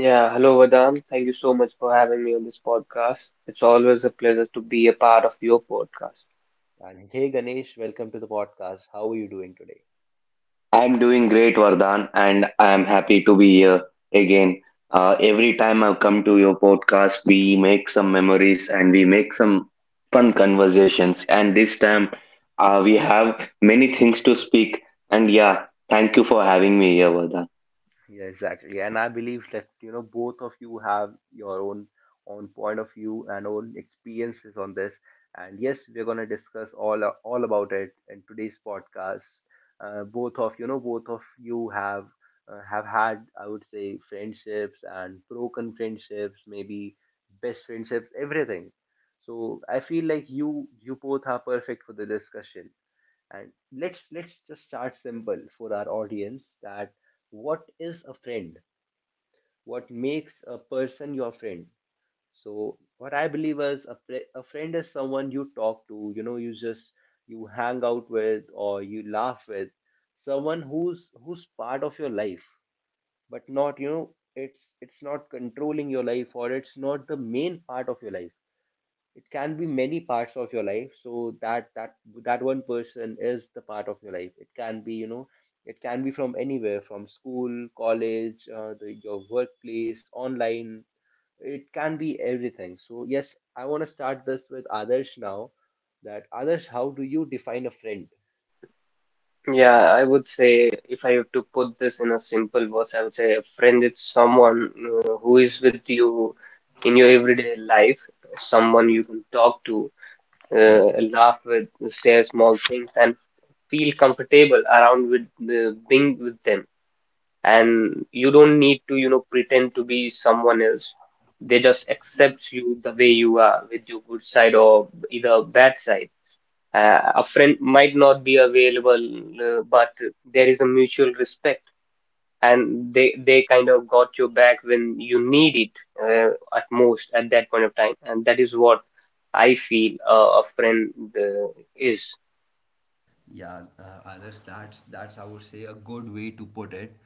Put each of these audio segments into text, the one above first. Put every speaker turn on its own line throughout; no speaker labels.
Yeah, hello Vadam. Thank you so much for having me on this podcast. It's always a pleasure to be a part of your podcast.
I'm doing great, Vardhan, and I'm happy to be here again. Every time I come to your podcast, we make some memories and we make some fun conversations. And this time, we have many things to speak. And yeah, thank you for having me here, Vardhan.
Yeah, I would say if I have to put this in a simple words, I would say a friend is someone who is with you in your everyday life, someone you can talk to, uh, laugh with, share small things, and feel comfortable around with being with them. And you don't need to, pretend to be someone else. They just accept you the way you are, with your good side or either bad side. A friend might not be available, but there is a mutual respect, and they kind of got your back when you need it at most at that point of time, and that is what I feel a friend uh, is.
Yeah, others, that's I would say a good way to put it.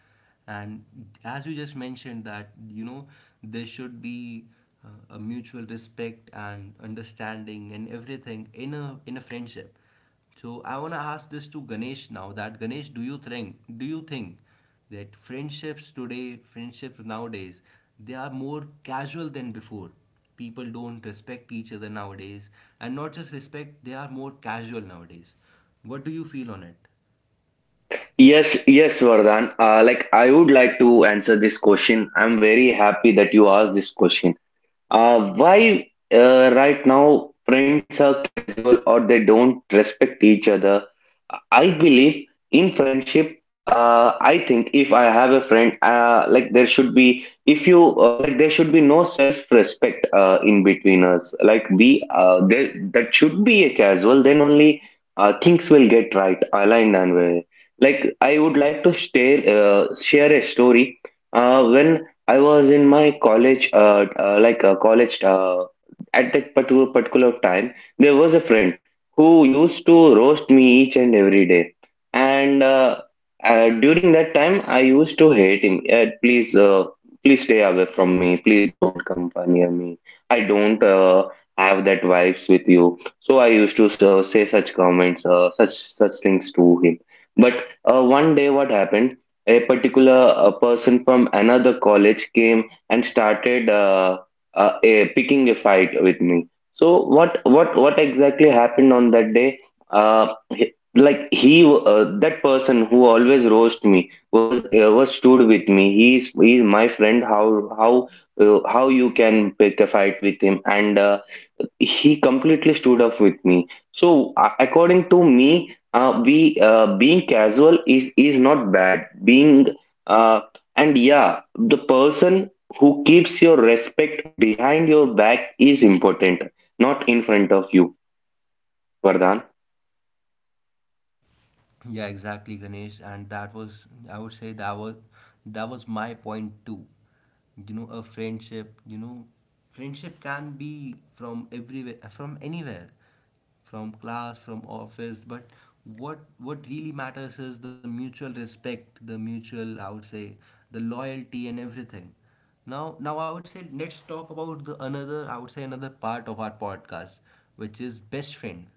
And as you just mentioned that you know there should be uh, a mutual respect and understanding and everything in a friendship. So I want to ask this to Ganesh, now that Ganesh, do you think that friendships today, friendships nowadays, they are more casual than before? People don't respect each other nowadays, and not just respect, they are more casual nowadays. What do you feel on it?
Yes, yes, Vardhan. Like I would like to answer this question. I'm very happy that you asked this question. Why right now friends are casual or they don't respect each other? I believe in friendship. I think if I have a friend, like there should be, if you like, there should be no self-respect in between us. Like be there, that should be a casual. Then only things will get right, aligned and way. Like I would like to share a story. When I was in my college, like a college, at that particular time, there was a friend who used to roast me each and every day. And during that time, I used to hate him. "Yeah, please, please stay away from me. Please don't come near me. I don't have that vibes with you. So I used to say such comments, such things to him. But one day, what happened? A particular person from another college came and started picking a fight with me. So what exactly happened on that day? He- like he That person who always roast me was stood with me. He's my friend. How you can pick a fight with him and. He completely stood up with me, so according to me, we being casual is not bad being uh, and yeah, the person who keeps your respect behind your back is important, not in front of you, Vardhan.
Yeah, exactly, Ganesh. And that was, I would say, that was my point too. You know, a friendship. You know, friendship can be from everywhere, from anywhere, from class, from office. But what really matters is the mutual respect, the mutual, I would say, the loyalty and everything. Now, I would say let's talk about the another, I would say, another part of our podcast, which is best friend.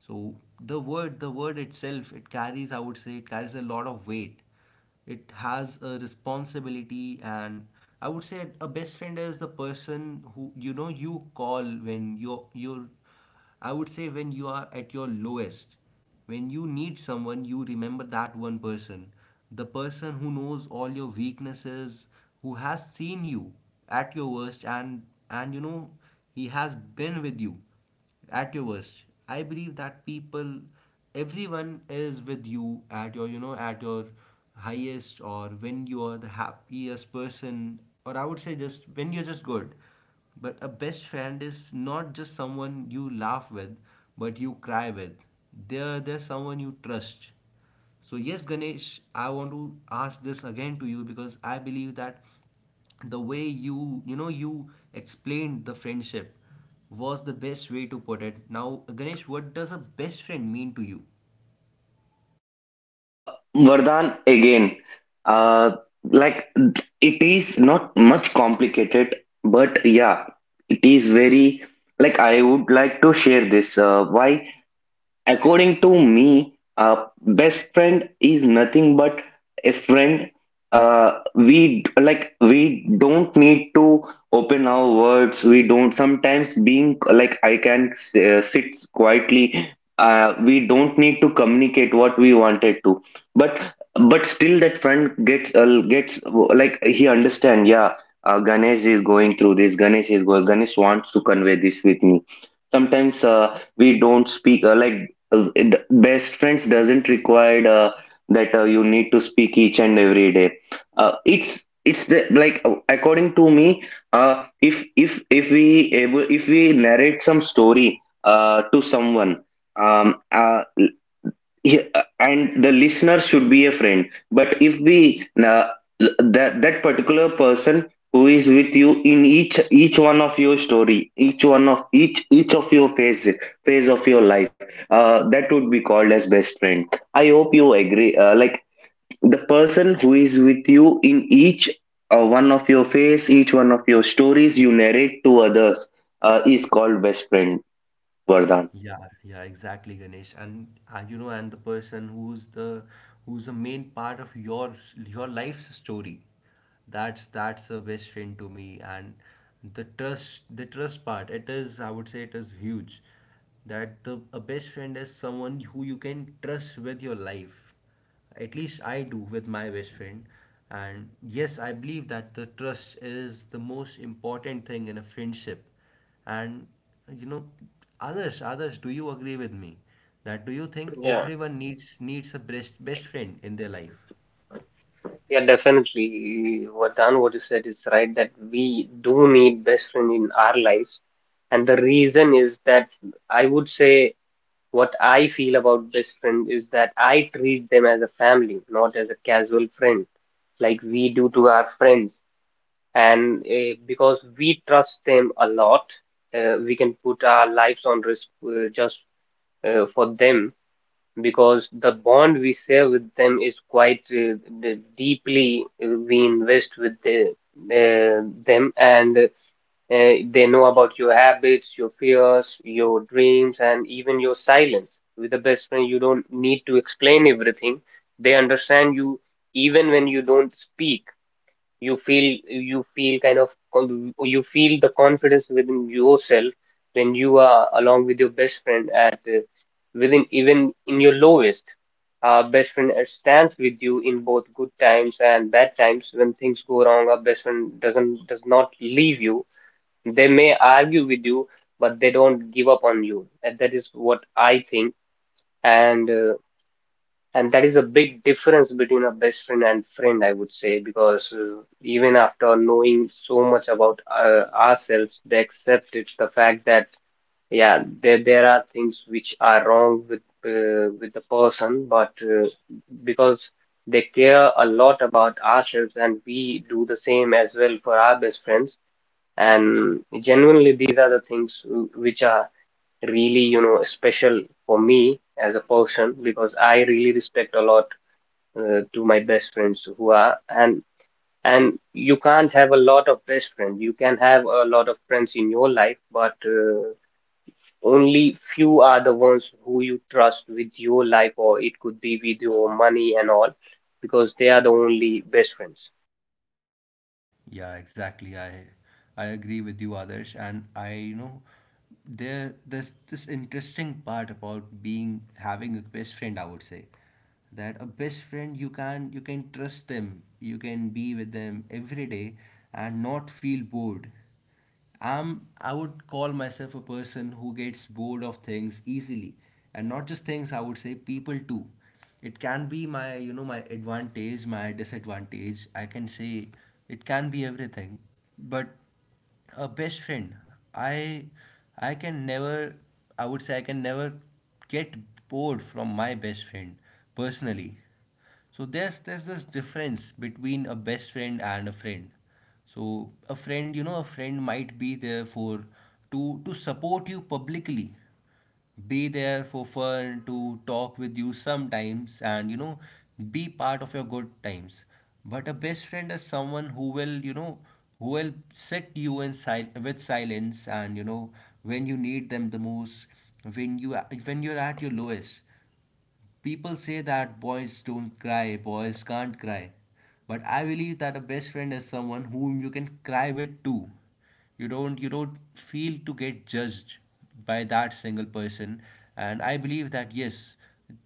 So the word itself, it carries, I would say, it carries a lot of weight. It has a responsibility, and I would say a best friend is the person who you know you call when you're, I would say, when you are at your lowest, when you need someone, you remember that one person, the person who knows all your weaknesses, who has seen you at your worst, and you know he has been with you at your worst. I believe that people, everyone is with you at your, you know, at your highest, or when you are the happiest person, or I would say just when you're just good. But a best friend is not just someone you laugh with but you cry with. They're someone you trust. So yes, Ganesh, I want to ask this again to you, because I believe that the way you explained the friendship was the best way to put it. Now, Ganesh, what does a best friend mean to you?
uh, Vardhan again, uh, like it is not much complicated, but yeah, it is very, like I would like to share this, why. According to me, a best friend is nothing but a friend. We don't need to open our words. We don't, sometimes being, like I can sit quietly. We don't need to communicate what we wanted to, but still that friend gets like he understand. Yeah, Ganesh is going through this. Ganesh is going. Ganesh wants to convey this with me. Sometimes we don't speak, like, best friends doesn't require that you need to speak each and every day. It's the, like, according to me, if we narrate some story to someone, um, uh, yeah, and the listener should be a friend. But if we that particular person who is with you in each one of your story, each one of each of your phase of your life, that would be called as best friend. I hope you agree. Like the person who is with you in each one of your phase, each one of your stories you narrate to others is called best friend, Vardhan.
Yeah, yeah, exactly, Ganesh. And you know, and the person who's the main part of your life's story, that's a best friend to me. And the trust part, it is, I would say, it is huge. That the A best friend is someone who you can trust with your life. At least I do with my best friend. And yes, I believe that the trust is the most important thing in a friendship. And you know, others, others, do you agree with me that do you think everyone needs a best friend in their life?
Yeah, definitely. What Dan, what you said is right that we do need best friend in our lives. And the reason is that I would say what I feel about best friend is that I treat them as a family, not as a casual friend, like we do to our friends. And because we trust them a lot, we can put our lives on risk just for them because the bond we share with them is quite deeply we invest with them and they know about your habits, your fears, your dreams, and even your silence. With a best friend you don't need to explain everything, they understand you even when you don't speak. You feel, you feel the confidence within yourself when you are along with your best friend, at within even in your lowest. Our best friend stands with you in both good times and bad times. When things go wrong our best friend does not leave you, they may argue with you, but they don't give up on you. And that is what I think. And and that is a big difference between a best friend and friend, I would say, because even after knowing so much about ourselves, they accept it, the fact that yeah, there are things which are wrong with the person, but because they care a lot about ourselves, and we do the same as well for our best friends. And genuinely, these are the things which are really, you know, special for me as a person, because I really respect a lot to my best friends who are. And you can't have a lot of best friends. You can have a lot of friends in your life, but only few are the ones who you trust with your life, or it could be with your money and all, because they are the only best friends.
Yeah, exactly. I agree with you, Adarsh, and I, you know, there's this interesting part about being having a best friend. I would say that a best friend, you can trust them, you can be with them every day and not feel bored. I would call myself a person who gets bored of things easily, and not just things, I would say people too. It can be my, you know, my advantage, my disadvantage. I can say it can be everything. But a best friend, I I can never, I would say, I can never get bored from my best friend personally. So there's this difference between a best friend and a friend. So a friend, you know, a friend might be there for, to support you publicly, be there for fun, to talk with you sometimes, and you know, be part of your good times. But a best friend is someone who will, you know, who will sit you in with silence, and you know, when you need them the most, when you when you're at your lowest. People say that boys don't cry, boys can't cry. But I believe that a best friend is someone whom you can cry with too. You don't feel to get judged by that single person. And I believe that yes,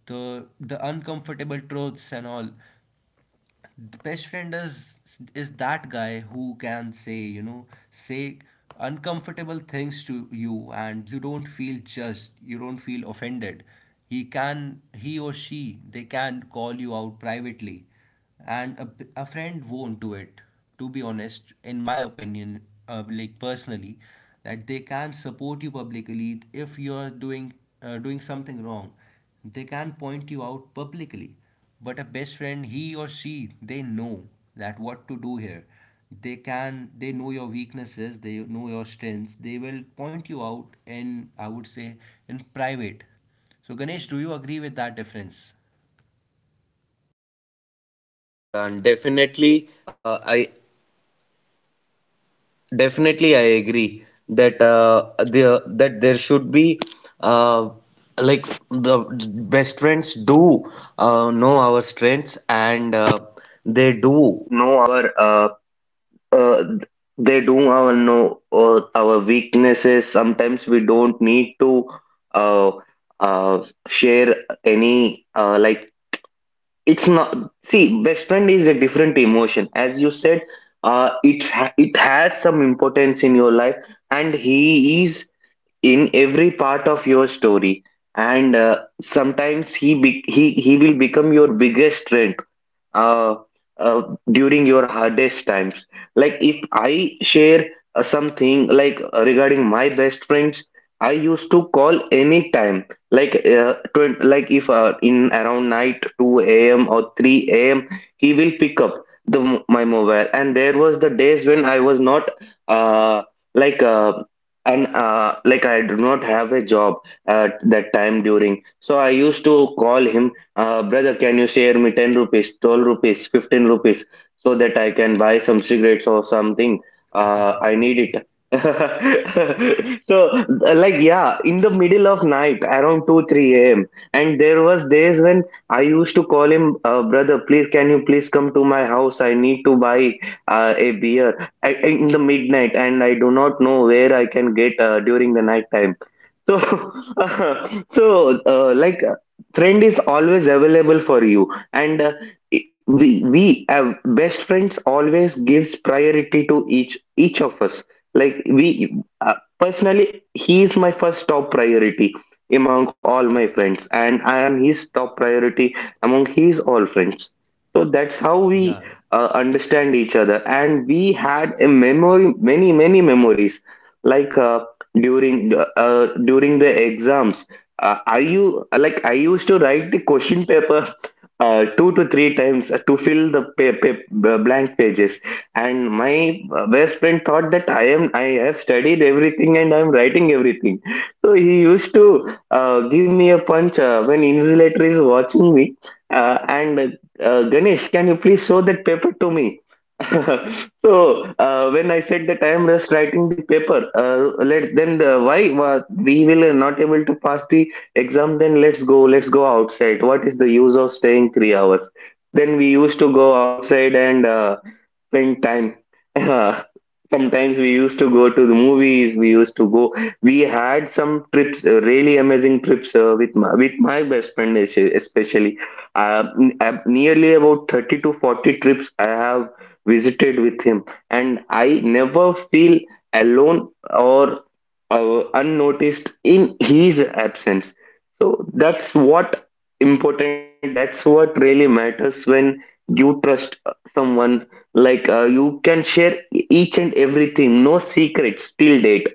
the uncomfortable truths and all, the best friend is that guy who can say, you know, say uncomfortable things to you, and you don't feel judged, you don't feel offended. He or she, they can call you out privately, and a friend won't do it, to be honest, in my opinion, like personally. That they can support you publicly, if you're doing doing something wrong, they can point you out publicly. But a best friend, he or she, they know that what to do here. They know your weaknesses, they know your strengths. They will point you out in, I would say, in private. So Ganesh, do you agree with that difference?
uh, they do our know our weaknesses. Sometimes we don't need to uh, share any, like, it's not, see, best friend is a different emotion, as you said. It has some importance in your life, and he is in every part of your story. And sometimes he be- he will become your biggest friend, uh, uh, during your hardest times. Like if I share something, like, regarding my best friends, I used to call any time. Like, if in around night 2 a.m. or 3 a.m., he pick up the my mobile. And there was the days when I was not, uh, like, and like I do not have a job at that time during. So I used to call him, brother, can you share me 10 rupees, 12 rupees, 15 rupees so that I can buy some cigarettes or something? I need it. So, like, yeah, in the middle of night, around 2, 3 a.m. And there was days when I used to call him, brother, please, can you please come to my house? I need to buy a beer, in the midnight, and I do not know where I can get during the night. So, uh, so uh, like uh, friend is always available for you, and we have best friends, always gives priority to each of us. Like we, uh, personally, he is my first top priority among all my friends, and I am his top priority among his all friends. So that's how we
Yeah,
understand each other, and we had a memory, many many memories, like, during during the exams, I you like I used to write the question paper two to three times to fill the blank pages, and my best friend thought that I have studied everything and I'm writing everything. So he used to give me a punch when invigilator is watching me, and Ganesh, can you please show that paper to me? So, when I said that I am just writing the paper, let then the, why we will not able to pass the exam? Then let's go outside. What is the use of staying 3 hours? Then we used to go outside and spend time. Sometimes we used to go to the movies. We used to go. We had some trips, really amazing trips with my best friend, especially. Nearly about 30 to 40 trips I have visited with him, and I never feel alone or unnoticed in his absence. So that's what important. That's what really matters, when you trust someone, like, you can share each and everything, no secrets till date,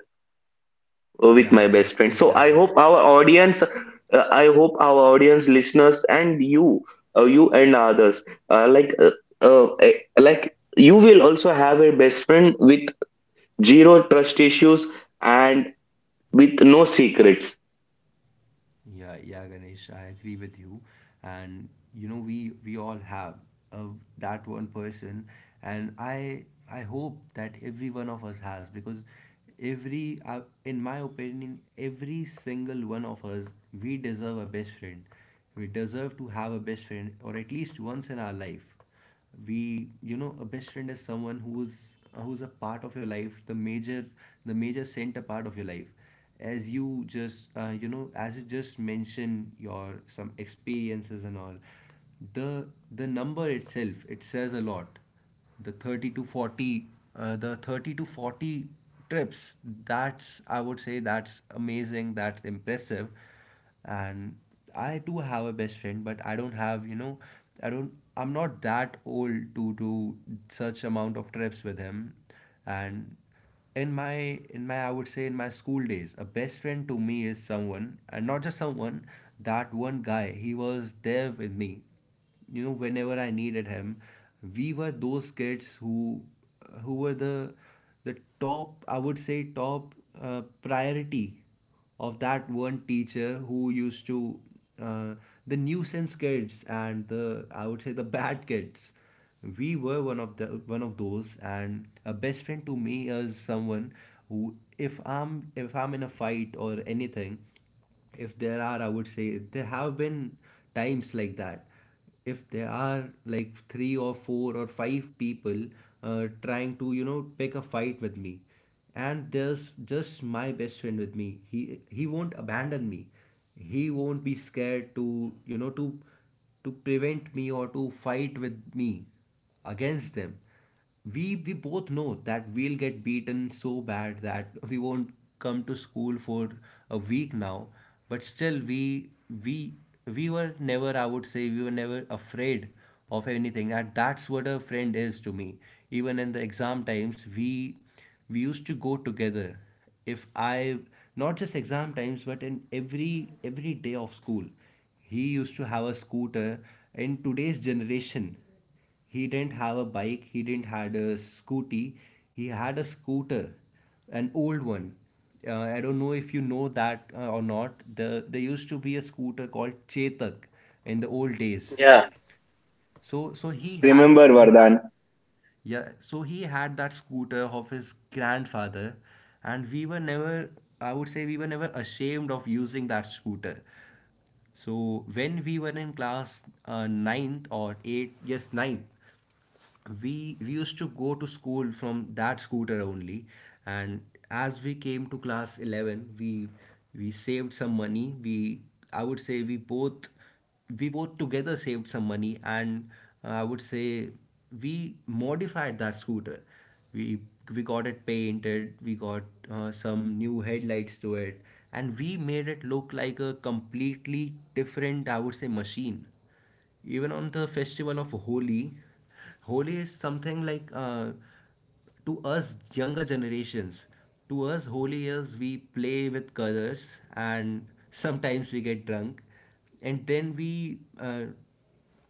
with
yeah,
my
yeah,
best friend. So I
exactly.
hope our audience, listeners, and you, you and others, uh, like uh, uh, eh, like, you will also have a best friend with zero trust issues and with no secrets.
Yeah, yeah, Ganesh, I agree with you. And you know, we all have uh, that one person, and I hope that every one of us has, because every in my opinion, every single one of us, we deserve a best friend. We deserve to have a best friend, or at least once in our life. We a best friend is someone who's a part of your life, the major, the major center part of your life. As you just you know, as you just mention your some experiences and all, the the number itself, it says a lot. The 30 to 40, the 30 to 40 trips, that's, I would say, that's amazing, that's impressive. And I do have a best friend, but I don't have, you know, I'm not that old to do such amount of trips with him. And in my I would say in my school days, a best friend to me is someone, and not just someone, that one guy, he was there with me, you know, whenever I needed him. We were those kids who were the top, I would say, top, uh, priority of that one teacher who used to, uh, the nuisance kids and the, I would say, the bad kids. We were one of the, one of those. And a best friend to me is someone who, if i'm if I'm in a fight or anything, if there are, I would say, there have been times like that. If there are like three or four or five people trying to, you know, pick a fight with me, and there's just my best friend with me, he won't abandon me, he won't be scared to, you know to to prevent me or to fight with me against them. We both know that we'll get beaten so bad that we won't come to school for a week. Now, but still we we were never, I would say, we were never afraid of anything. And that's what a friend is to me. Even in the exam times, we used to go together. If I Not just exam times, but in every day of school, he used to have a scooter. In today's generation, he didn't have a bike, he didn't had a scooty, he had a scooter, an old one. I don't know if you know that or not. There used to be a scooter called Chetak in the old days.
Yeah,
So
Yes,
he
I
had,
remember, Vardhan.
yeah, so he had that scooter of his grandfather, and we were never, I would say, we were never ashamed of using that scooter. So when we were in class ninth or eighth, yes, ninth, we we used to go to school from that scooter only. And as we came to class 11, we saved some money, we I would say, we both together saved some money, and I would say we modified that scooter. We we got it painted, we got some new headlights to it, and we made it look like a completely different, I would say, machine. Even on the festival of Holi, Holi is something like, to us younger generations. To us, Holi is we play with colors and sometimes we get drunk, and then we,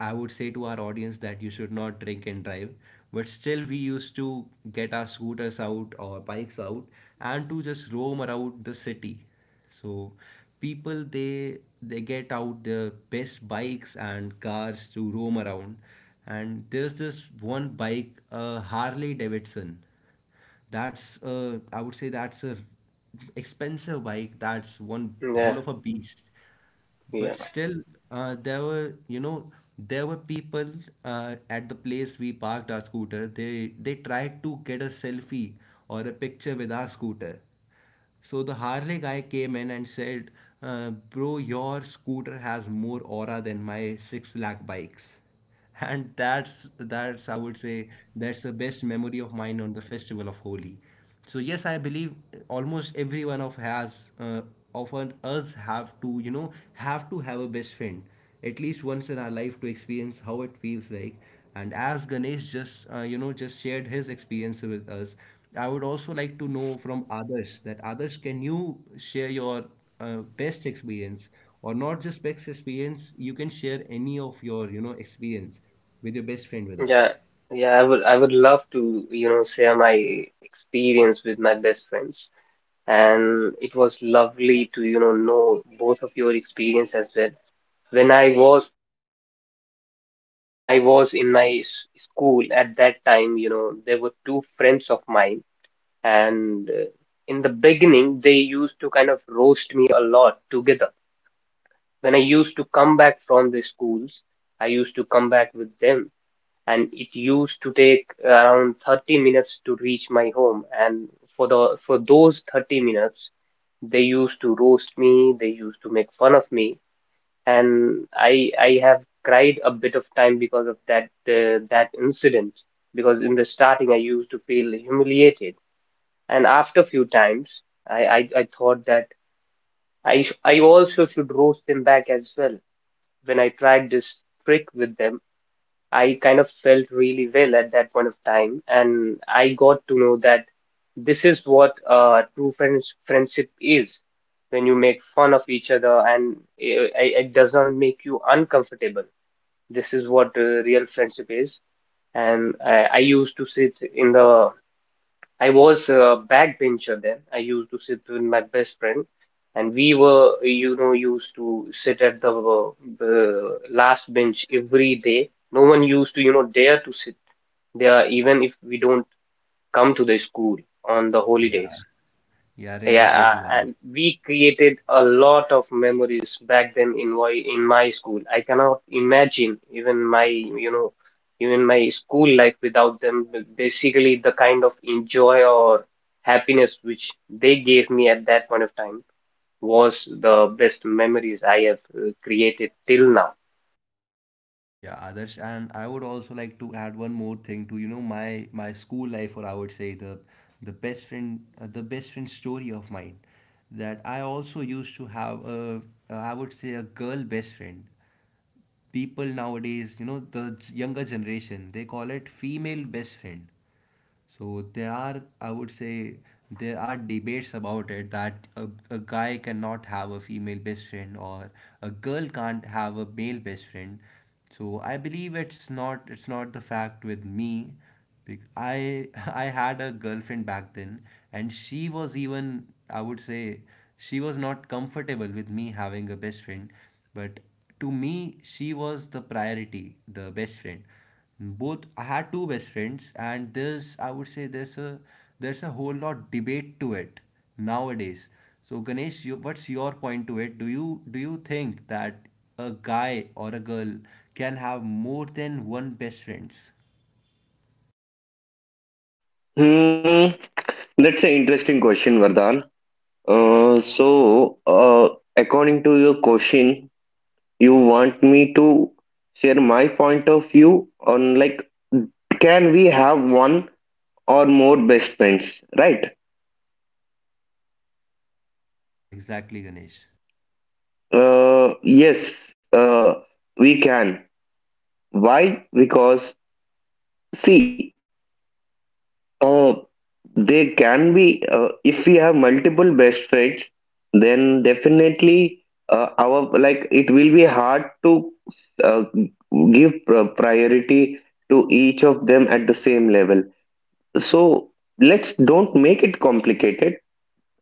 I would say to our audience that you should not drink and drive, but still we used to get our scooters out or bikes out and to just roam around the city. So people, they get out their best bikes and cars to roam around. And there's this one bike, Harley Davidson. That's, I would say that's a expensive bike. That's one
yeah,
hell of a beast.
yeah,
But still, there were, you know, there were people at the place we parked our scooter. They tried to get a selfie or a picture with our scooter. So the Harley guy came in and said, uh, "Bro, your scooter has more aura than my six lakh bikes." And that's I would say that's the best memory of mine on the festival of Holi. So yes, I believe almost every one of us have to have to have a best friend at least once in our life to experience how it feels like. And as Ganesh just you know just shared his experience with us, I would also like to know from others, that others, can you share your best experience, or not just best experience, you can share any of your experience with your best friend with
yeah,
us.
yeah. I would, I would love to, you know, share my experience with my best friends, and it was lovely to, you know both of your experience as well. When I was, when I was in my school at that time, you know, there were two friends of mine, and in the beginning, they used to kind of roast me a lot together. When I used to come back from the schools, I used to come back with them, and it used to take around 30 minutes to reach my home. And for the, for those 30 minutes, they used to roast me, they used to make fun of me, and I have cried a bit of time because of that that incident, because in the starting I used to feel humiliated, and after few times I, I thought that I also should roast them back as well. When I tried this trick with them I kind of felt really well at that point of time, and I got to know that this is what true friendship is. When you make fun of each other and it does not make you uncomfortable, this is what real friendship is. And I used to sit in the, I was a backbencher then. I used to sit with my best friend, and we were, you know, used to sit at the last bench every day. No one used to, you know, dare to sit there, even if we don't come to the school on the
Yeah,
holidays.
yeah, relate
Yeah,
with you, others.
and we created a lot of memories back then in my, in my school. I cannot imagine even my, you know, even my school life without them. B- Basically, the kind of enjoy or happiness which they gave me at that point of time was the best memories I have created till now.
Yeah, others, and I would also like to add one more thing to, my school life, or I would say the the best friend story of mine, that I also used to have a, I would say, a girl best friend. People nowadays, the younger generation, they call it female best friend. So there are, I would say, there are debates about it that a guy cannot have a female best friend, or a girl can't have a male best friend. So I believe it's not the fact with me. I I had a girlfriend back then, and she was, even I would say, she was not comfortable with me having a best friend. But to me, she was the priority, the best friend. Both, I had two best friends. And there's, I would say, there's a whole lot debate to it nowadays. So, Ganesh, you, what's your point to it? Do you, think that a guy or a girl can have more than one best friends?
Hmm, that's an interesting question, Vardhan. So, according to your question, you want me to share my point of view on, like, can we have one or more best friends, right?
Yeah, exactly, Ganesh.
Yes, uh, we can. Why? Because, see, uh, they can be, if we have multiple best friends, then definitely our, like, it will be hard to uh, give priority to each of them at the same level. So let's don't make it complicated.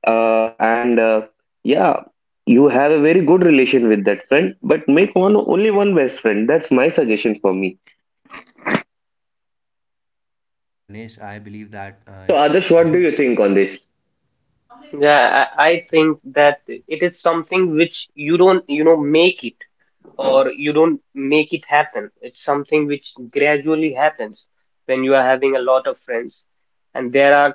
And yeah, you have a very good relation with that friend, but make one, only one best friend. That's my suggestion for me.
Yeah, Ganesh, I believe that
So Adarsh,
it's, I
what do you think on this?
Yeah, I think that it is something which you don't, you know, make it. Or you don't make it happen. It's something which gradually happens when you are having a lot of friends, and there are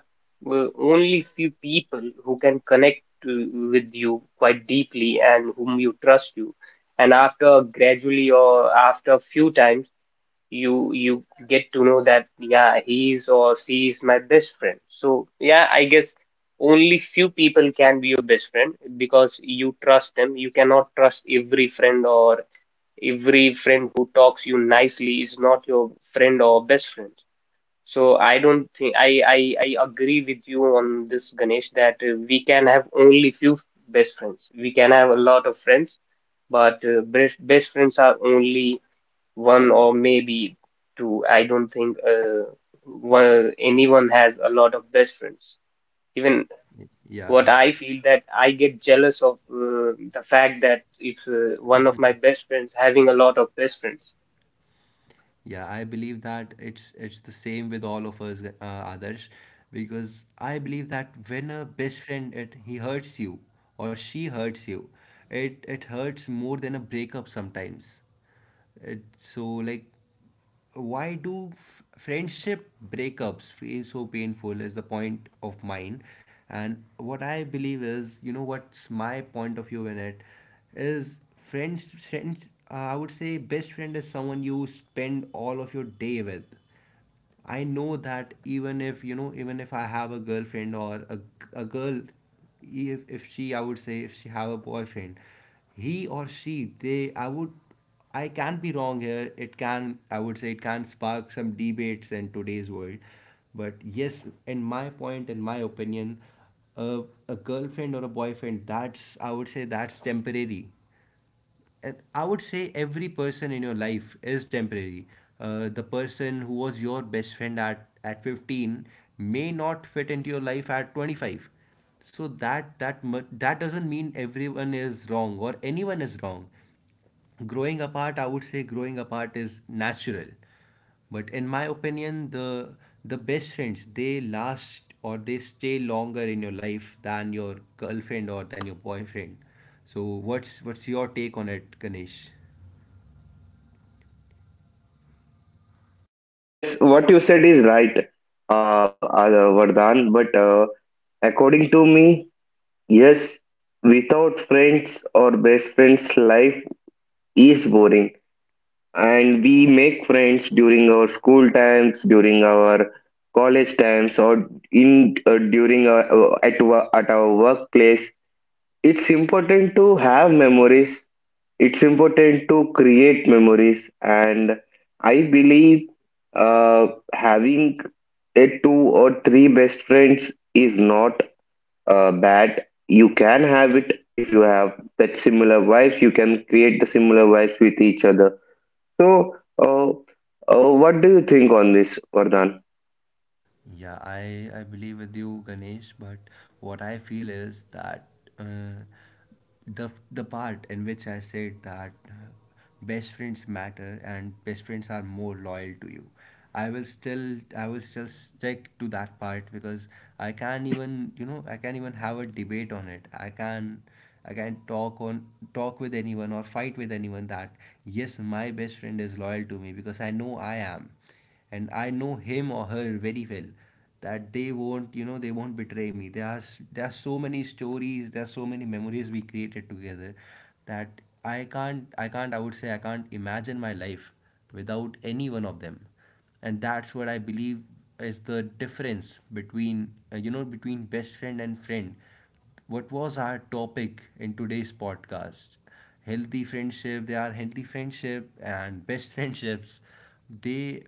only few people who can connect to, with you quite deeply and whom you trust you. And after gradually or after a few times, you get to know that yeah, he is or she is my best friend. So yeah, I guess only few people can be your best friend because you trust them. You cannot trust every friend, or every friend who talks you nicely is not your friend or best friend. So I don't think, I, I agree with you on this, Ganesh, that we can have only few best friends. We can have a lot of friends, but best, best friends are only one or maybe two. I don't think one, anyone has a lot of best friends. Even
would, yeah.
what I feel that I get jealous of the fact that if one of my best friends having a lot of best friends.
Yeah, I believe that it's the same with all of us, Adarsh, because I believe that when a best friend, it he hurts you or she hurts you, it hurts more than a breakup sometimes. It, so like, why do f friendship breakups feel so painful is the point of mine. And what I believe is, you know, what's my point of view in it, is friends friends I would say best friend is someone you spend all of your day with. I know that even if I have a girlfriend, or a, girl, if she, I would say, if she have a boyfriend, he or she, they, I would, I can be wrong here, it can, I would say, it can spark some debates in today's world. But yes, in my point, in my opinion, a, girlfriend or a boyfriend, that's, I would say, that's temporary. And I would say every person in your life is temporary. The person who was your best friend at 15 may not fit into your life at 25. So that doesn't mean everyone is wrong or anyone is wrong. Growing apart, I would say, growing apart is natural. But in my opinion, the best friends, they last, or they stay longer in your life than your girlfriend or than your boyfriend. So what's your take on it, Ganesh?
Yes, what you said is right, Vardhan. But according to me, yes, without friends or best friends, life is boring. And we make friends during our school times, during our college times, or in during our, at our workplace. It's important to have memories, it's important to create memories, and I believe, uh, having a two or three best friends is not bad. You can have it if you have that similar wife, you can create the similar wife with each other. So, uh, what do you think on this, Vardhan?
Yeah, I believe with you, Ganesh. But what I feel is that, uh, the part in which I said that, best friends matter and best friends are more loyal to you. I will still stick to that part, because I can even, I can even have a debate on it. I can, I can talk on talk with anyone or fight with anyone. That yes, my best friend is loyal to me, because I know I am, and I know him or her very well, that they won't betray me. There are so many stories, there are so many memories we created together, that I can't I can't I would say I can't imagine my life without any one of them. And that's what I believe is the difference between you know between best friend and friend. What was our topic in today's podcast? Healthy friendship. They are healthy friendship and best friendships. They,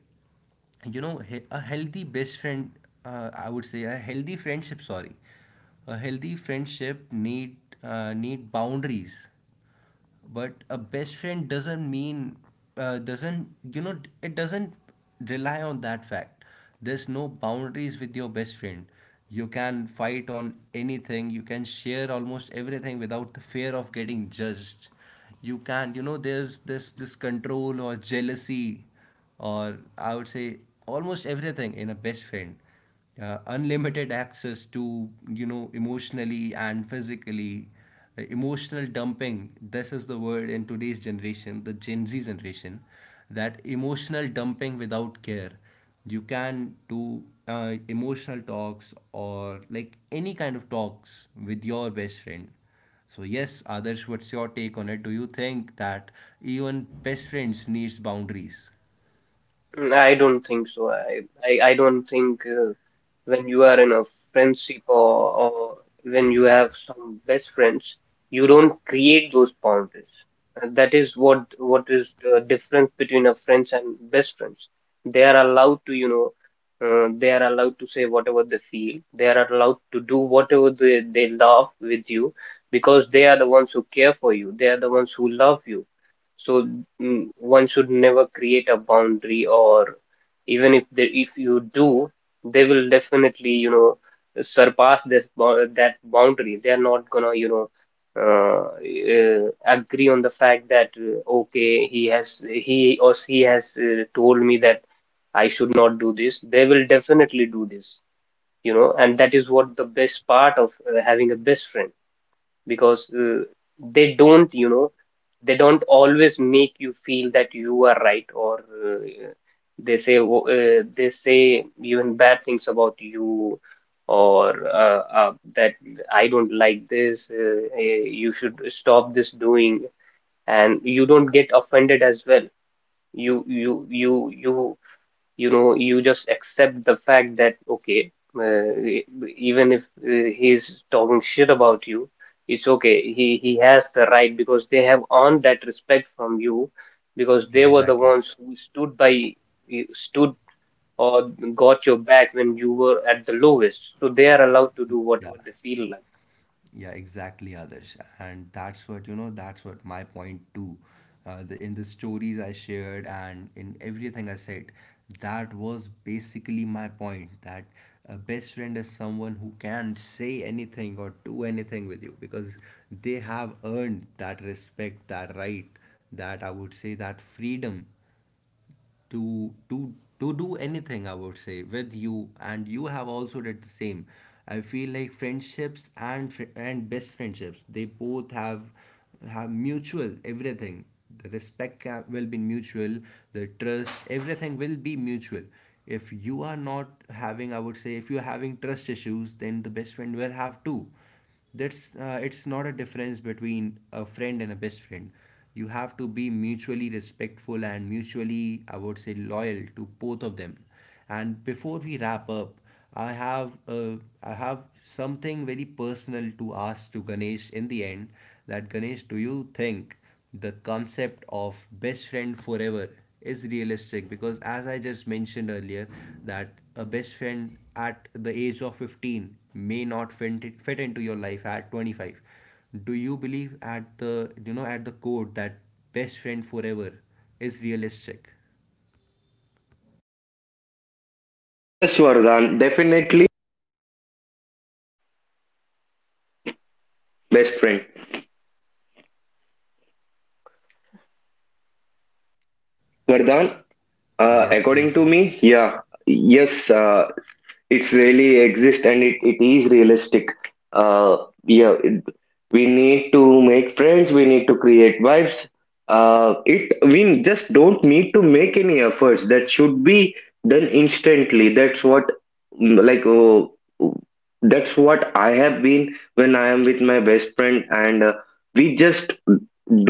a healthy best friend, I would say, a healthy friendship, sorry, a healthy friendship need boundaries. But a best friend doesn't mean, doesn't, it doesn't rely on that fact. There's no boundaries with your best friend. You can fight on anything, you can share almost everything without the fear of getting judged. You can, there's this control or jealousy, or I would say almost everything in a best friend. Unlimited access to, emotionally and physically. Emotional dumping, this is the word in today's generation, the Gen Z generation, that emotional dumping without care. You can do emotional talks or like any kind of talks with your best friend. So yes, others, what's your take on it? Do you think that even best friends needs boundaries?
Mm, I don't think so. I don't think when you are in a friendship, or when you have some best friends, you don't create those boundaries. And that is what is the difference between a friends and best friends. They are allowed to, you know, they are allowed to say whatever they feel. They are allowed to do whatever they love with you, because they are the ones who care for you. They are the ones who love you. So mm, one should never create a boundary, or even if they, if you do, they will definitely, you know, surpass that boundary. They are not gonna, you know, agree on the fact that, okay, he has, he or she has told me that I should not do this. They will definitely do this, you know, and that is what the best part of having a best friend, because they don't, you know, they don't always make you feel that you are right, or uh, they say they say even bad things about you, or that I don't like this, you should stop this doing. And you don't get offended as well, you you know, you just accept the fact that okay, e- even if he's talking shit about you, it's okay, he has the right because they have earned that respect from you, because
Yeah,
they were the
exactly.
ones who stood by, stood, or got your back when you were at the lowest, so they are allowed to do
Yeah.
whatever they feel like.
Yeah, exactly, Adarsh. And that's what my point too. In the stories I shared and in everything I said, that was basically my point that a best friend is someone who can say anything or do anything with you, because they have earned that respect, that right, that I would say that freedom, to to to do anything, I would say, with you, and you have also did the same. I feel like friendships and and best friendships, they both have mutual everything. The respect can, will be mutual. The trust, everything will be mutual. If you are not having, I would say, if you're having trust issues, then the best friend will have too. That's, it's not a difference between a friend and a best friend. You have to be mutually respectful and mutually, I would say, loyal to both of them. And before we wrap up, I have, I have something very personal to ask to Ganesh in the end, that Ganesh, do you think the concept of best friend forever is realistic, because as I just mentioned earlier, that a best friend at the age of 15 may not fit into your life at 25. Do you believe at the, at the core that best friend forever is realistic?
Yes, Vardhan, definitely best friend. Vardhan,
Yes,
according
yes,
to
Ganesh.
me, yeah, yes, it's really exist, and it is realistic. Uh, yeah, we need to make friends, we need to create vibes. It, we just don't need to make any efforts, that should be done instantly, that's what. Like, oh, that's what I have been when I am with my best friend, and we just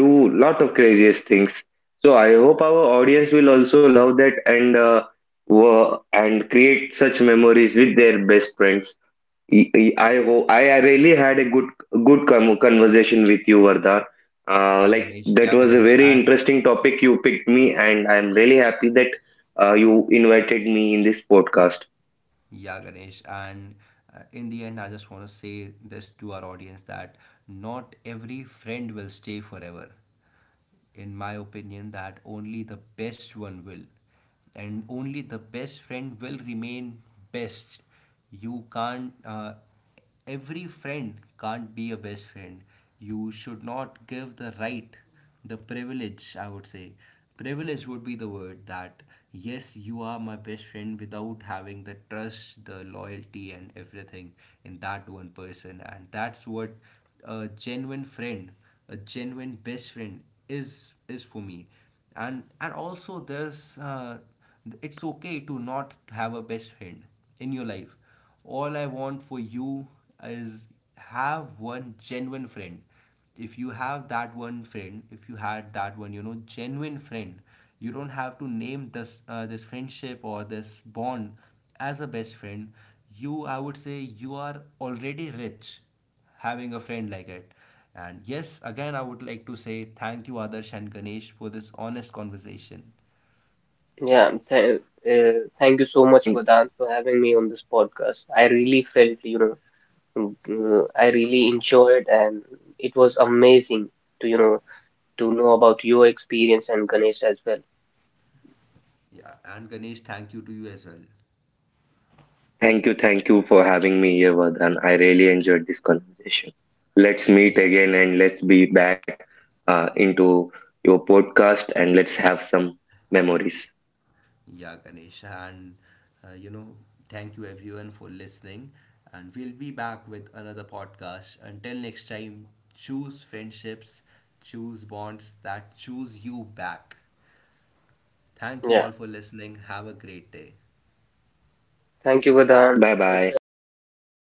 do lot of craziest things. So I hope our audience will also love that, and and create such memories with their best friends. Y- y- I ho I really had a good conversation with you, Vardha.
Yeah,
Like,
Ganesh.
that
Yeah,
was a
Ganesh.
very
And
interesting topic you picked me, and I'm really happy that you invited me in this podcast.
yeah, Ganesh. And in the end, I just want to say this to our audience that not every friend will stay forever. In my opinion, that only the best one will. And only the best friend will remain best. You can't, every friend can't be a best friend. You should not give the right, the privilege, I would say. Privilege would be the word that, yes, you are my best friend, without having the trust, the loyalty, and everything in that one person. And that's what a genuine friend, a genuine best friend is for me. And also, there's, it's okay to not have a best friend in your life. All I want for you is have one genuine friend. If you have that one friend, if you had that one, genuine friend, you don't have to name this friendship or this bond as a best friend. You, I would say, you are already rich, having a friend like it. And yes, again, I would like to say thank you, Adarsh and Ganesh, for this honest conversation.
Yeah th Thank you so much
Thank,
Vedant for having me on this podcast, I really felt, you know. Mm, I really enjoyed, and it was amazing to, you know, to know about your experience and Ganesh as well.
Yeah, and Ganesh, thank you to you as well.
thank you for having me here, Vardhan. I really enjoyed this conversation. Let's meet
Yeah,
again and let's be back into your podcast and let's have some memories.
yeah, Ganesh. And, uh, you know, thank you everyone for listening. And we'll be back with another podcast. Until next time, choose friendships, choose bonds that choose you back. Thank you
Yeah.
all for listening. Have a great day.
Thank you, Vedant.
Bye
Take
bye.
care. Bye bye.